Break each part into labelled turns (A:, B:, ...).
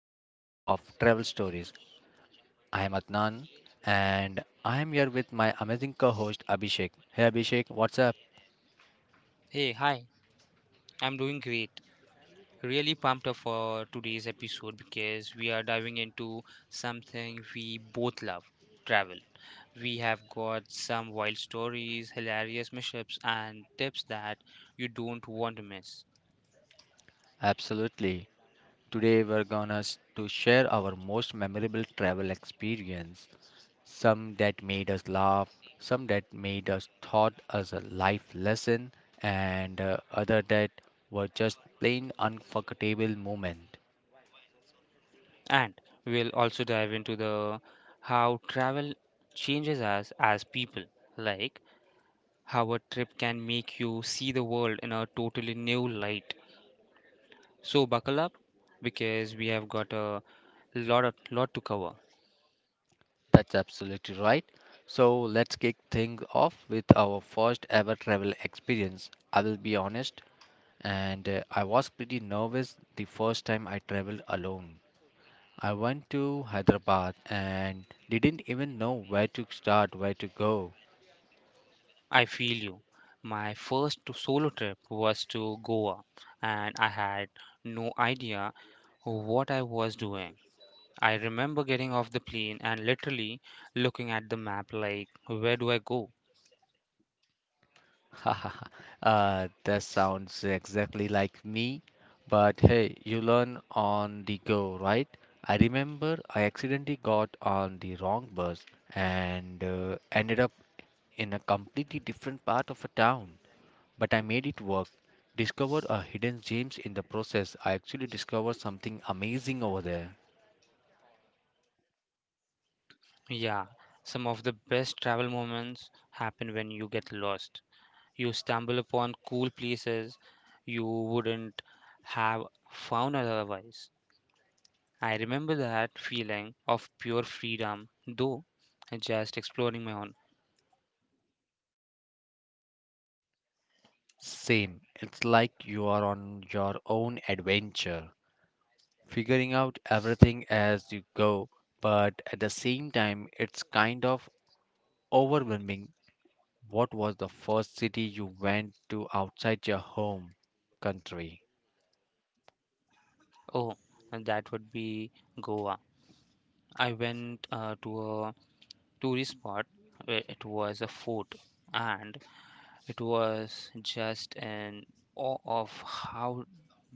A: journey of travel stories. I am Adnan and I am here with my amazing co-host Abhishek. Hey Abhishek, what's up?
B: Hey, hi. I'm doing great. Really pumped up for today's episode because we are diving into something we both love, travel. We have got some wild stories, hilarious mishaps, and tips that you don't want to miss.
A: Absolutely. Today we're gonna s- to share our most memorable travel experience. Some that made us laugh, some that made us thought as a life lesson, and other that were just plain unforgettable moment.
B: And we'll also dive into the how travel changes us as people, like how a trip can make you see the world in a totally new light. So buckle up because we have got a lot to cover.
A: That's absolutely right. So let's kick things off with our first ever travel experience. I will be honest, and I was pretty nervous the first time I traveled alone. I went to Hyderabad and didn't even know where to start, where to go.
B: I feel you. My first solo trip was to Goa and I had no idea what I was doing. I remember getting off the plane and literally looking at the map like, where do I go?
A: That sounds exactly like me. But hey, you learn on the go, right? I remember I accidentally got on the wrong bus and ended up in a completely different part of a town. But I made it work. Discovered a hidden gems in the process. I actually discovered something amazing over there.
B: Yeah, some of the best travel moments happen when you get lost. You stumble upon cool places you wouldn't have found otherwise. I remember that feeling of pure freedom, though, just exploring my own.
A: Same. It's like you are on your own adventure, figuring out everything as you go, but at the same time, it's kind of overwhelming. What was the first city you went to outside your home country?
B: Oh, that would be Goa. I went to a tourist spot where it was a fort, and it was just in awe of how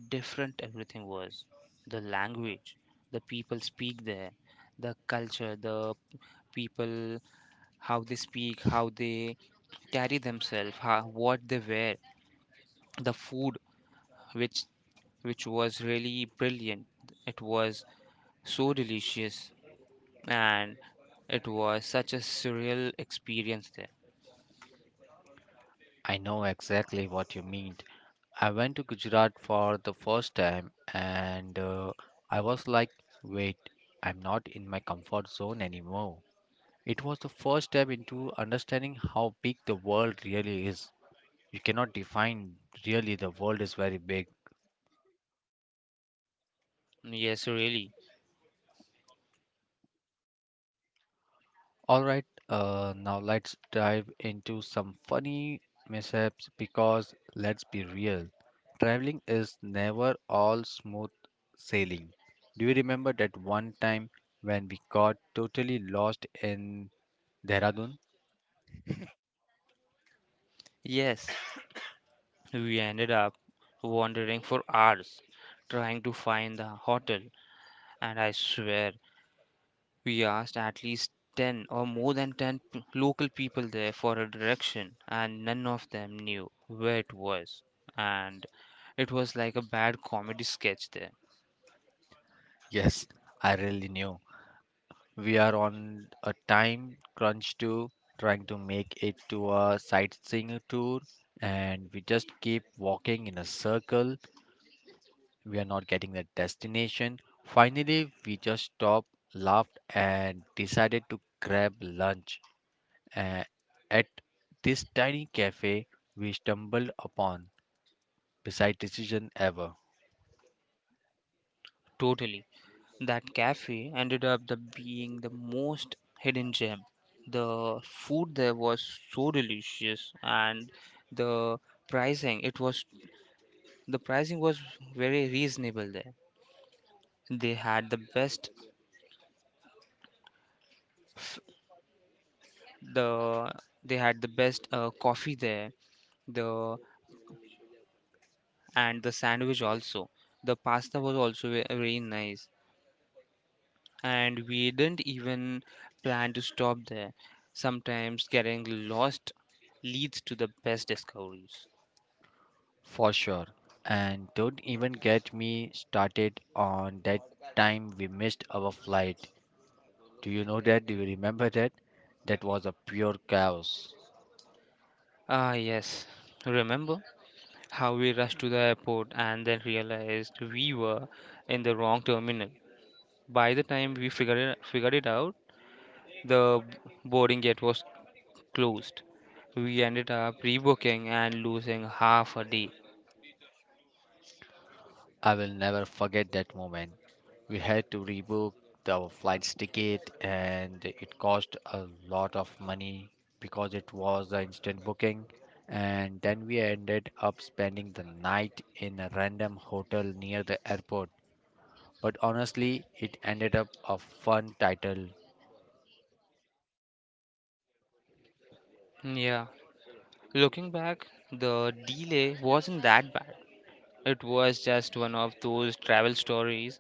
B: different everything was. The language, the people speak there, the culture, the people, how they speak, how they carry themselves, how, what they wear, the food, which which was really brilliant. It was so delicious, and it was such a surreal experience there.
A: I know exactly what you mean. I went to Gujarat for the first time and I was like, wait, I'm not in my comfort zone anymore. It was the first step into understanding how big the world really is. You cannot define really the world is very big.
B: Yes, really.
A: All right, now let's dive into some funny mishaps because let's be real, traveling is never all smooth sailing. Do you remember that one time when we got totally lost in Dehradun?
B: Yes, we ended up wandering for hours trying to find the hotel, and I swear we asked at least 10 or more than local people there for a direction, and none of them knew where it was. And it was like a bad comedy sketch there.
A: Yes, I really knew. We are on a time crunch too, trying to make it to a sightseeing tour, and we just keep walking in a circle we are not getting the destination. Finally, we just stopped, laughed, and decided to grab lunch uh, at this tiny cafe we stumbled upon. Beside decision ever,
B: Totally. That cafe ended up the being the most hidden gem. The food there was so delicious, and the pricing it was the pricing was very reasonable there. They had the best, the coffee there, the and the sandwich also. The pasta was also very nice, and we didn't even plan to stop there. Sometimes getting lost leads to the best discoveries.
A: for sure. And don't even get me started on that time we missed our flight. Do you know that? Do you remember that? That was a pure chaos.
B: Ah, yes. Remember how we rushed to the airport and then realized we were in the wrong terminal? By the time we figured it out, the boarding gate was closed. We ended up rebooking and losing half a day.
A: I will never forget that moment. We had to rebook the flight's ticket, and it cost a lot of money because it was an instant booking. And then we ended up spending the night in a random hotel near the airport. But honestly, it ended up a fun title.
B: Yeah, looking back, the delay wasn't that bad. It was just one of those travel stories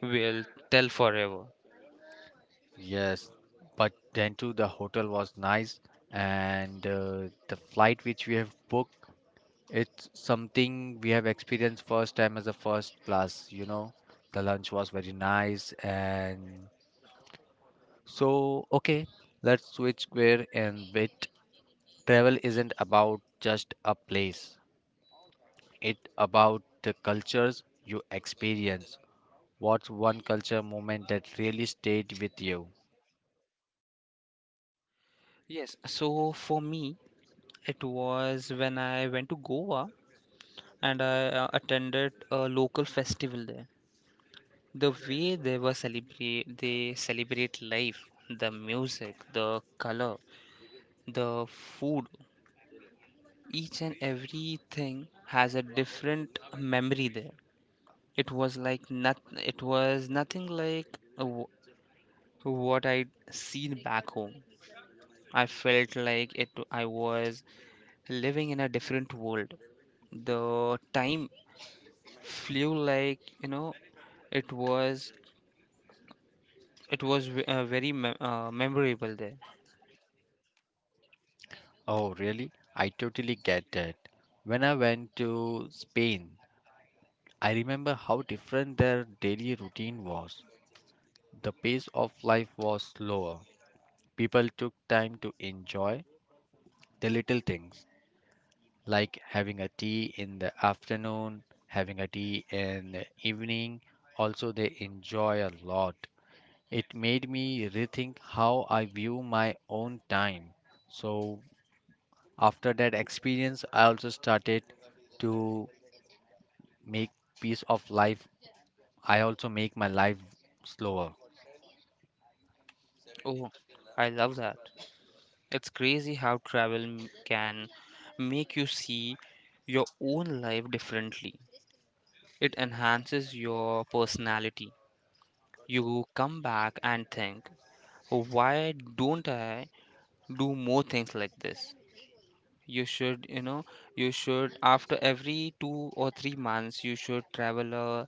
B: we'll tell forever.
A: Yes, but then too, the hotel was nice, and the flight which we have booked, it's something we have experienced first time as a first class, you know. The lunch was very nice and so okay, let's switch gear and bit. Travel isn't about just a place. It about the cultures you experience. What's one culture moment that really stayed with you?
B: Yes, so for me, it was when I went to Goa and I attended a local festival there. The way they celebrate life, the music, the color, the food, each and everything has a different memory there. It was like not, it was nothing like what I'd seen back home. I felt like it I was living in a different world. The time flew like, it was memorable there.
A: Oh, really? I totally get that. When I went to Spain, I remember how different their daily routine was. The pace of life was slower. People took time to enjoy the little things, like having a tea in the afternoon, having a tea in the evening. Also, they enjoy a lot. It made me rethink how I view my own time. So, after that experience, I also started to make piece of life. I also make my life slower.
B: Oh, I love that. It's crazy how can make you see your own life differently. It enhances your personality. You come back and think, "Oh, why don't I do more things like this? You should, you should after every two or three months you should travel a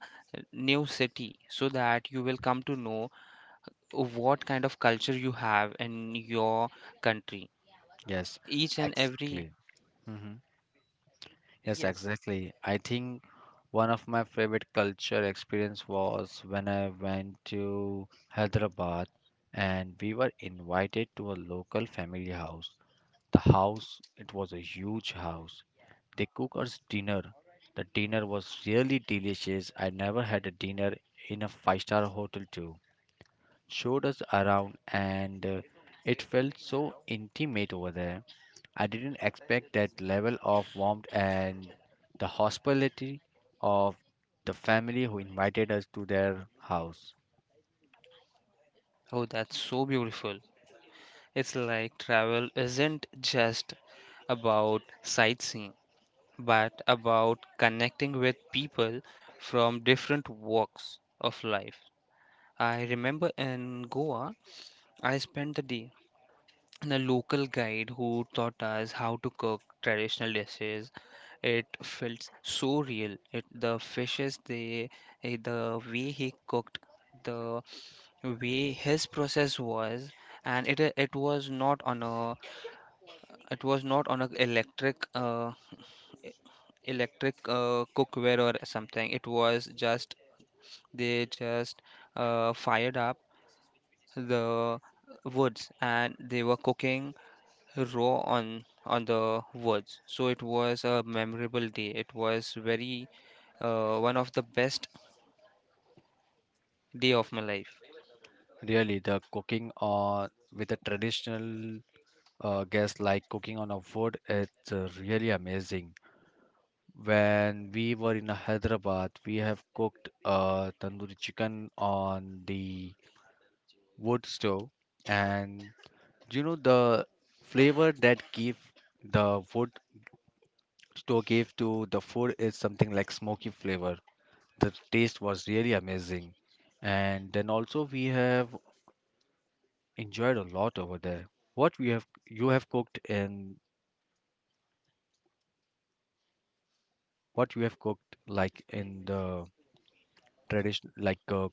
B: new city so that you will come to know what kind of culture you have in your country,
A: Yes,
B: each and every."
A: exactly. Mhm. Yes,
B: Yes.
A: exactly. I think one of my favorite culture experience was when I went to Hyderabad and we were invited to a local family house. The house, it was a huge house. They cook us dinner. The dinner was really delicious. I never had a dinner in a five-star hotel too, showed us around, and it felt so intimate over there. I didn't expect that level of warmth and the hospitality of the family who invited us to their house.
B: Oh, that's so beautiful. It's like travel isn't just about sightseeing but about connecting with people from different walks of life. I remember in Goa I spent the day and a local guide who taught us how to cook traditional dishes. It felt so real. It, the fishes, they, eh, The way he cooked, the way his process was, and it was not on a it was not on a electric, e- cookware or something. It was just they just fired up the woods, and they were cooking row on the woods. So it was a memorable day. It was very one of the best day of my life.
A: Really, the cooking on with a traditional guest like cooking on a wood, it's really amazing. When we were in Hyderabad, we have cooked tandoori chicken on the wood stove, and you know the flavor that give the food store gave to the food is something like smoky flavor, the taste was really amazing, and then also we have enjoyed a lot over there. What we have you have cooked in what you have cooked like in the tradition like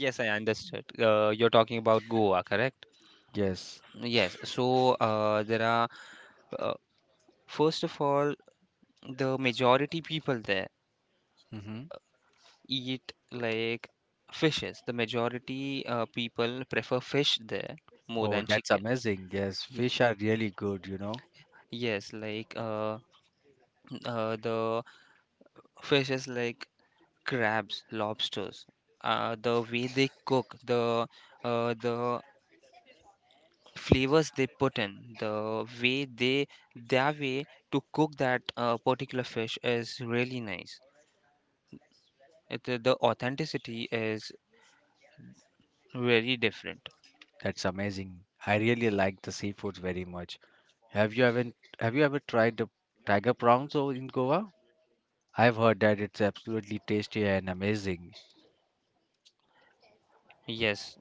B: Yes, I understood, you're talking about Goa, correct?
A: yes.
B: Yes, so there are, uh, first of all, the majority people there
A: Hmm.
B: eat like fishes. The majority people prefer fish there more
A: Oh,
B: than
A: that's
B: chicken.
A: amazing. Yes,
B: Ye-
A: fish are really good, you know.
B: yes, like the fish is like crabs, lobsters, the way they cook, the flavors they put in, the way they their way to cook that particular fish is really nice. The authenticity is very different.
A: That's amazing. I really like the seafoods very much. Have you ever have you ever tried the tiger prawns over in Goa? I've heard that it's absolutely tasty and amazing.
B: Yes,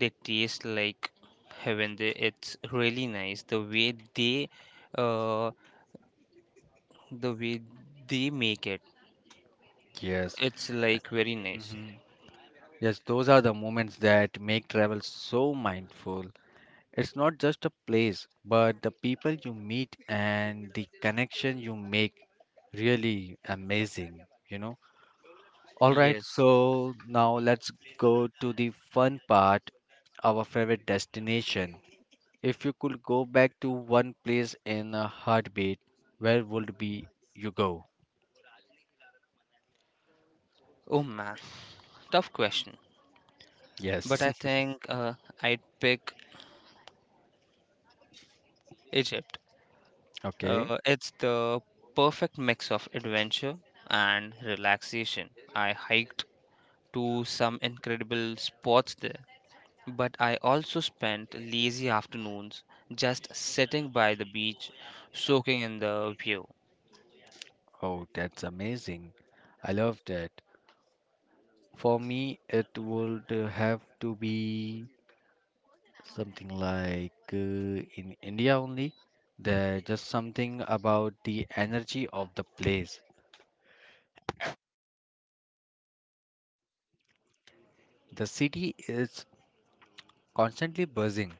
B: they taste like heaven. It's really nice the way they, uh, the way they make it.
A: Yes.
B: It's like very nice.
A: Hmm. Yes, those are the moments that make travel so mindful. It's not just a place, but the people you meet and the connection you make really amazing, you know. All right,
B: Yes.
A: so now let's go to the fun part, our favorite destination. If you could go back to one place in a heartbeat, where would be you go?
B: Oh man, tough question. But I
A: Yes.
B: think I'd pick Egypt.
A: Okay.
B: It's the perfect mix of adventure and relaxation. I hiked to some incredible spots there, but I also spent lazy afternoons just sitting by the beach, soaking in the view.
A: Oh, that's amazing. I love that. For me, it would have to be something like in India only. There's just something about the energy of the place. The city is constantly buzzing,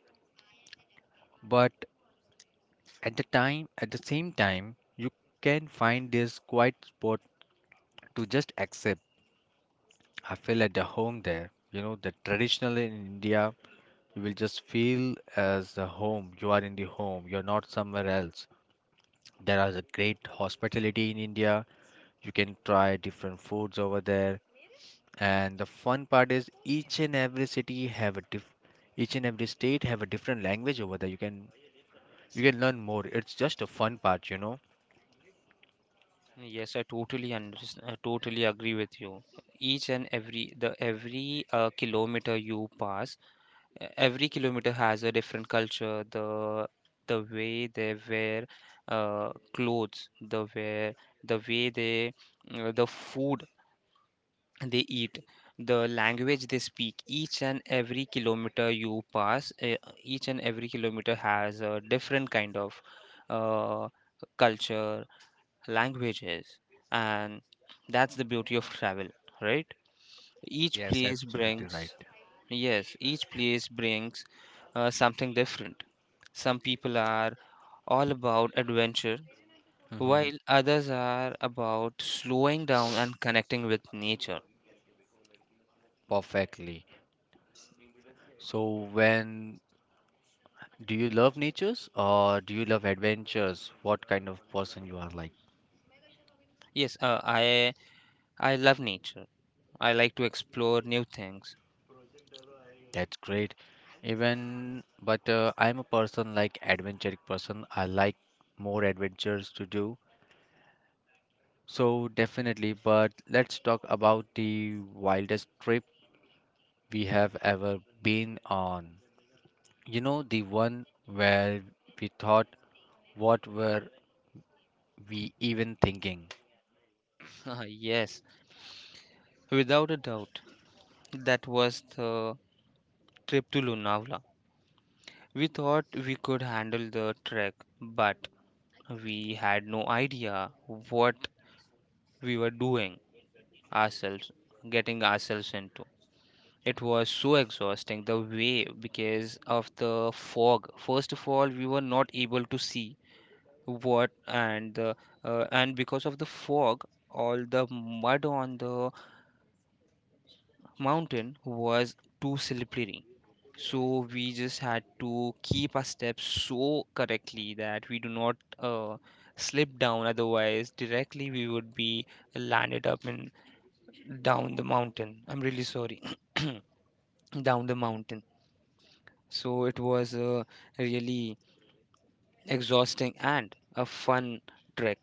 A: but at the time, at the same time, you can find this quiet spot to just accept I feel at the home there. You know, the traditional in India, you will just feel as the home. You are in the home. You're not somewhere else. There is a great hospitality in India. You can try different foods over there. And the fun part is each and every city have a diff each and every state have a different language over there. You can learn more. It's just a fun part, you know.
B: Yes, I totally understand. I totally agree with you. Each and every the every kilometer you pass, every kilometer has a different culture, the way they wear uh, clothes, the way they, the food they eat, the language they speak. Each and every kilometer you pass, each and every kilometer has a different kind of uh, culture, languages, and that's the beauty of travel, right? Each
A: Yes,
B: place
A: absolutely right.
B: brings, yes, each place brings something different. Some people are all about adventure,
A: Hmm.
B: while others are about slowing down and connecting with nature.
A: Perfectly. So when do you love natures or do you love adventures? What kind of person you are like?
B: Yes, I love nature. I like to explore new things.
A: That's great. Even but I'm a person like adventurous person. I like more adventures to do. So definitely, but let's talk about the wildest trip we have ever been on. You know, the one where we thought what were we even thinking?
B: Ah, yes, without a doubt, that was the trip to Lonavala. We thought we could handle the trek, but we had no idea what we were doing. Ourselves Getting ourselves into it was so exhausting the way. Because of the fog, first of all, we were not able to see what, and the and because of the fog all the mud on the mountain was too slippery. So we just had to keep our steps so correctly that we do not slip down, otherwise directly we would be landed up and down the mountain I'm really sorry down the mountain. So it was a really exhausting and a fun trek.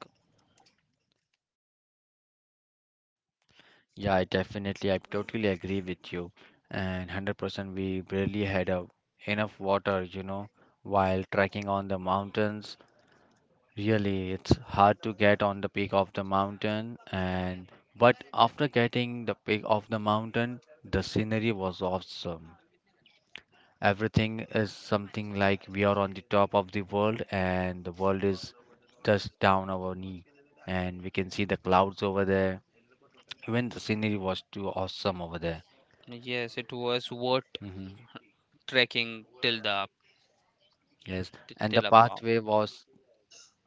A: Yeah, I definitely. I totally agree with you. And 100% we barely had a, enough water, you know, while trekking on the mountains. Really, it's hard to get on the peak of the mountain. And but after getting the peak of the mountain, the scenery was awesome. Everything is something like we are on the top of the world and the world is just down our knee. And we can see the clouds over there. Even the scenery was too awesome over there.
B: Yes, it was worth
A: Mhm.
B: trekking till the
A: Yes, and the
B: till above.
A: pathway was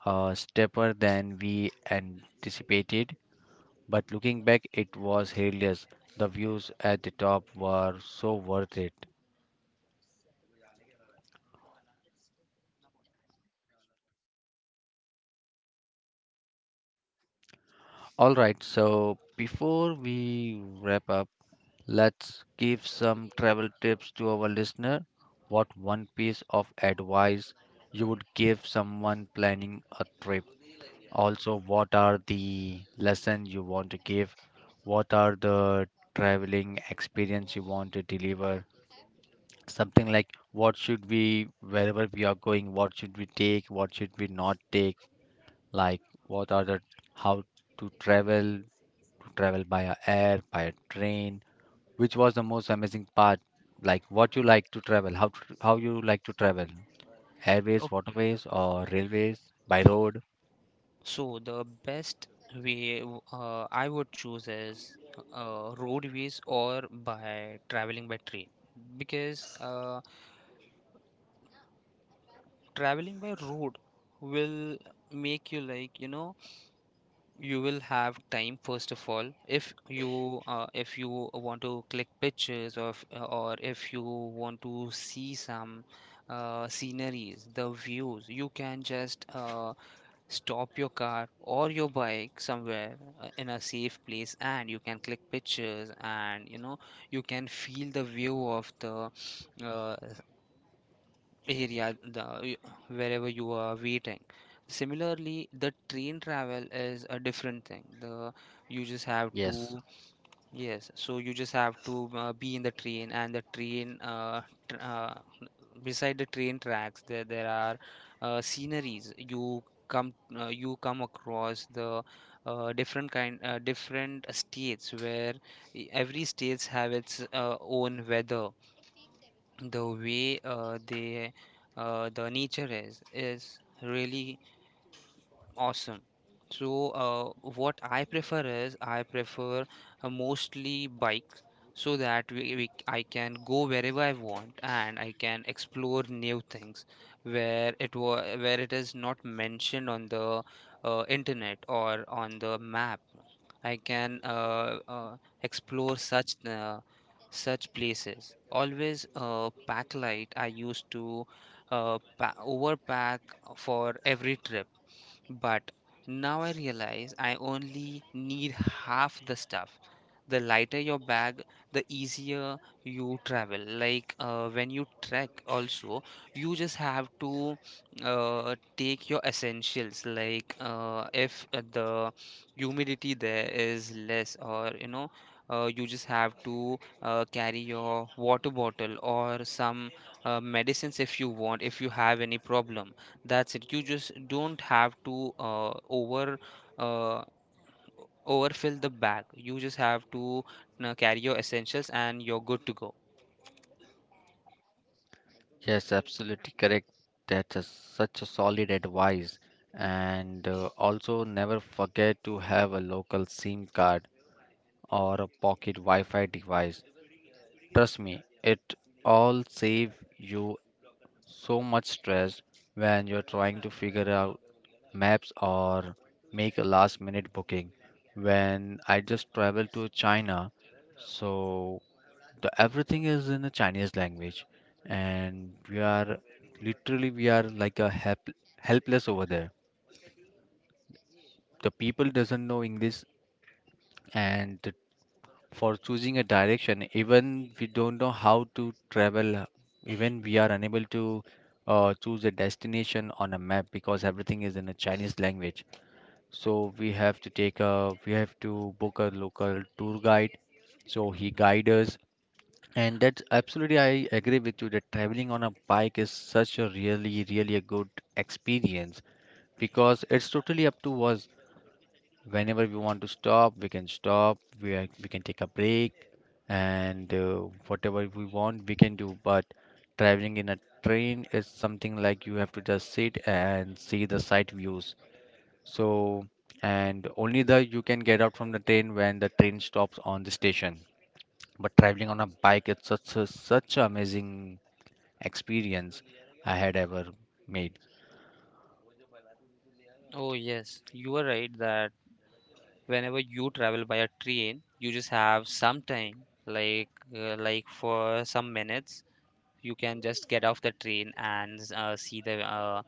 A: steeper than we anticipated, but looking back, it was hilarious. The views at the top were so worth it. All right, so before we wrap up, let's give some travel tips to our listener. What one piece of advice you would give someone planning a trip? Also, what are the lessons you want to give? What are the traveling experience you want to deliver? Something like what should we, wherever we are going, what should we take? What should we not take? Like, what are the, how to travel by a air, by a train? Which was the most amazing part? Like, what you like to travel? How, to, how you like to travel? Airways,
B: Okay,
A: waterways, or railways, by road?
B: so the best way I would choose is roadways or by traveling by train, because traveling by road will make you, like, you know, you will have time. First of all, if you want to click pictures of, or if you want to see some sceneries, the views, you can just stop your car or your bike somewhere in a safe place and you can click pictures, and, you know, you can feel the view of the uh, area, wherever you are waiting. Similarly, the train travel is a different thing. The you just have to,
A: Yes.
B: yes, so you just have to be in the train, and tr- uh, beside the train tracks there are sceneries. You come, you come across the different states where every states have its own weather, the way, the nature is, really awesome. So, what I prefer is I prefer mostly bikes so that we I can go wherever I want, and I can explore new things where it was, where it is not mentioned on the internet or on the map. I can explore such places. Always pack light. I used to pa overpack for every trip, but now I realize I only need half the stuff. The lighter your bag, the easier you travel. Like, when you trek, also, you just have to take your essentials. Like, if the humidity there is less, or, you know, you just have to carry your water bottle or some medicines if you want, if you have any problem. That's it. You just don't have to uh, overfill the bag. You just have to carry your essentials, and you're good to go.
A: Yes, absolutely correct. That's a, such a solid advice. And also, never forget to have a local SIM card or a pocket Wi Fi device. Trust me, it all save you so much stress when you're trying to figure out maps or make a last minute booking. When I just traveled to China, so the everything is in the chinese language and we are literally we are like a help, helpless over there, the people doesn't know english, and for choosing a direction even we don't know how to travel, even we are unable to choose a destination on a map because everything is in a chinese language, so we have to book a local tour guide so he guides us. And that's absolutely, I agree with you that traveling on a bike is such a really, really a good experience because it's totally up to us. Whenever we want to stop, we can stop. We are, we can take a break, and whatever we want, we can do. But traveling in a train is something like you have to just sit and see the sight views. So, and only the you can get out from the train when the train stops on the station, but traveling on a bike, it's such a, such an amazing experience I had ever made.
B: Oh yes, you are right, that whenever you travel by a train, you just have some time, like, for some minutes, you can just get off the train and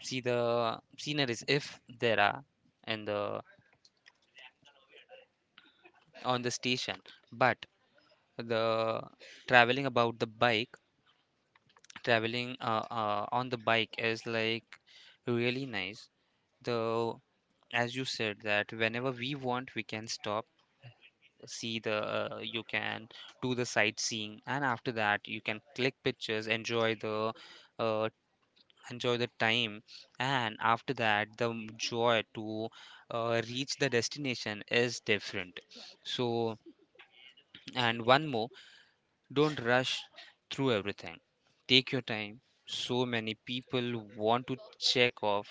B: see the sceneries if there are in the, on the station. But the traveling about the bike traveling on the bike is like really nice, though, as you said, that whenever we want we can stop, see the, you can do the sightseeing, and after that you can click pictures, enjoy the, uh, enjoy the time, and after that joy to reach the destination is different. So, and one more, don't rush through everything. Take your time. So many people want to check off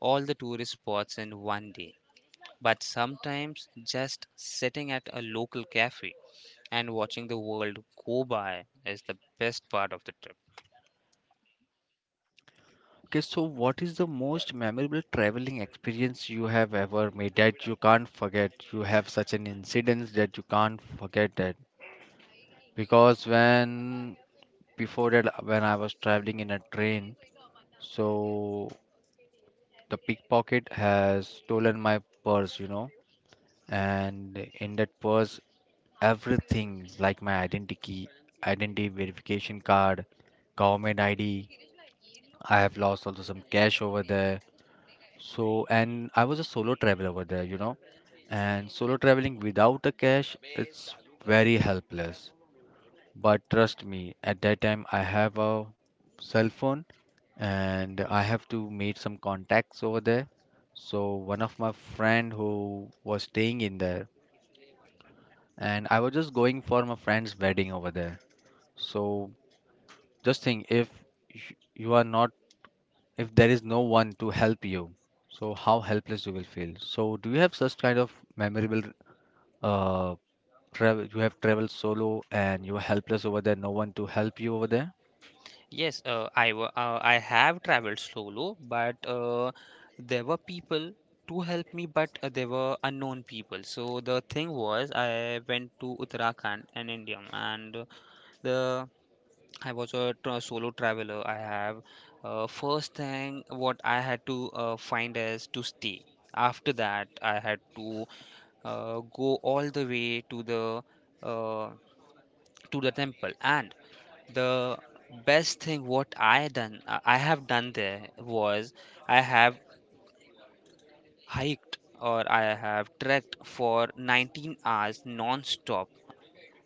B: all the tourist spots in one day. But sometimes just sitting at a local cafe and watching the world go by is the best part of the trip.
A: Okay, so what is the most memorable traveling experience you have ever made that you can't forget? You have such an incident that you can't forget that because when before that when I was traveling in a train, so the pickpocket has stolen my purse, you know, and in that purse everything like my identity, identity verification card, government id, I have lost also some cash over there. So, and I was a solo traveler over there, you know, and solo traveling without a cash, it's very helpless. But trust me, at that time I have a cell phone and I have to made some contacts over there. So one of my friend who was staying in there, and I was just going for my friend's wedding over there. So just think if you are not, if there is no one to help you, so how helpless you will feel. So, do you have such kind of memorable uh travel? You have traveled solo and you are helpless over there, no one to help you over there?
B: Yes, I have traveled solo, but there were people to help me, but there were unknown people. So the thing was, I went to Uttarakhand in India, and the I was a solo traveler. I have, first thing what I had to find is to stay. After that, I had to go all the way uh, to the temple. And the best thing what I have done there was I have hiked, or I have trekked, for 19 hours non-stop,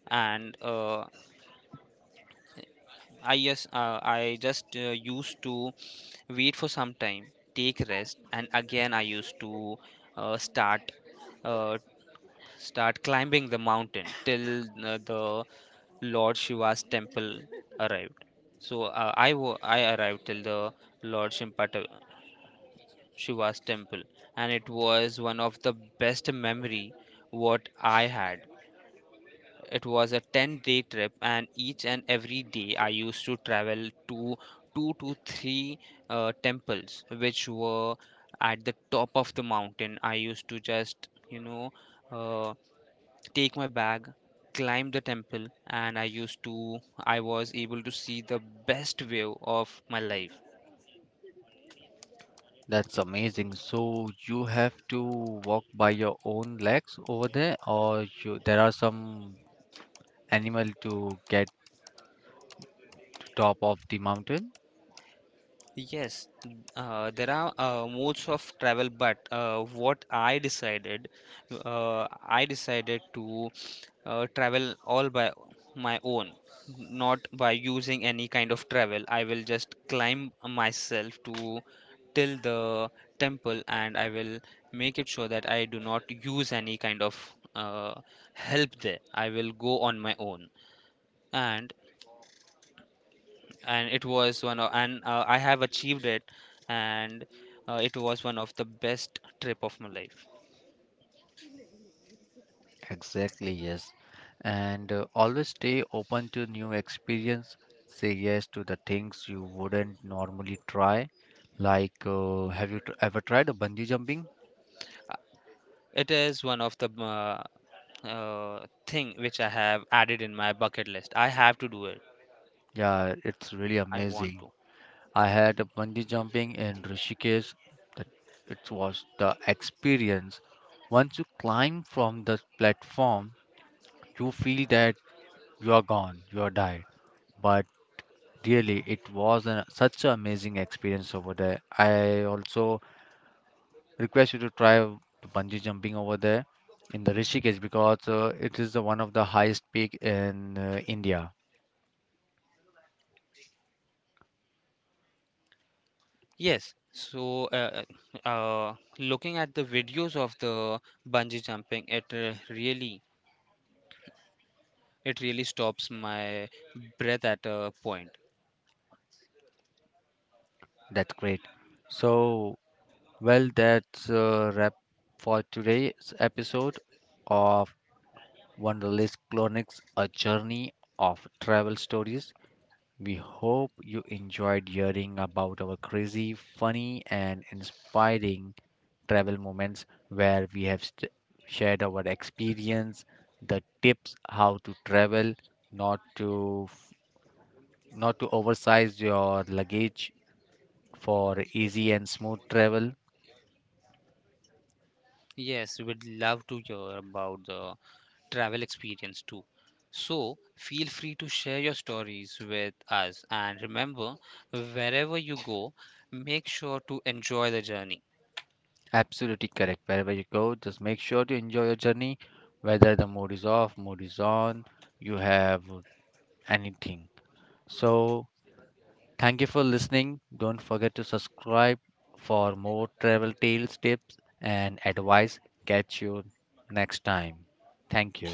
B: and I yes, I just used to wait for some time, take rest, and again I used to uh, start uh, start climbing the mountain till the Lord Shiva's temple arrived. So I arrived till the Lord Shimpata, Shiva's temple, and it was one of the best memory what I had. It was a 10-day trip, and each and every day I used to travel to two to three temples which were at the top of the mountain. I used to just, you know, uh, take my bag, climb the temple, and I used to, I was able to see the best view of my life.
A: That's amazing. So you have to walk by your own legs over there, or you, there are some animal to get to top of the mountain?
B: Yes, there are modes of travel, but I decided to travel all by my own, not by using any kind of travel. I will just climb myself to till the temple, and I will make it sure that I do not use any kind of help there. I will go on my own. and and it was one of, and I have achieved it, and it was one of the best trip of my life.
A: Exactly, yes. And always stay open to new experience. Say yes to the things you wouldn't normally try. Like, have you tr ever tried a bungee jumping?
B: It is one of the uh, thing which I have added in my bucket list. I have to do it.
A: Yeah, it's really
B: I want
A: amazing.
B: to.
A: I had a bungee jumping in Rishikesh. That it was the experience. Once you climb from the platform, you feel that you are gone, you are died. But really, it was an, such an amazing experience over there. I also request you to try the bungee jumping over there in the Rishikesh because it is the one of the highest peak in India.
B: Yes. So, looking at the videos of the bungee jumping, it really stops my breath at a point.
A: That's great. So, well, that's a wrap for today's episode of Wonderlist Clonics, a journey of travel stories. We hope you enjoyed hearing about our crazy, funny, and inspiring travel moments where we have shared our experience, the tips how to travel, not to f- not to oversize your luggage for easy and smooth travel.
B: Yes, would love to hear about the travel experience too. So, feel free to share your stories with us. And remember, wherever you go, make sure to enjoy the journey.
A: Absolutely correct. Wherever you go, just make sure to enjoy your journey, whether the mood is off, mood is on, you have anything. So thank you for listening. Don't forget to subscribe for more travel tales, tips, and advice. Catch you next time. Thank you.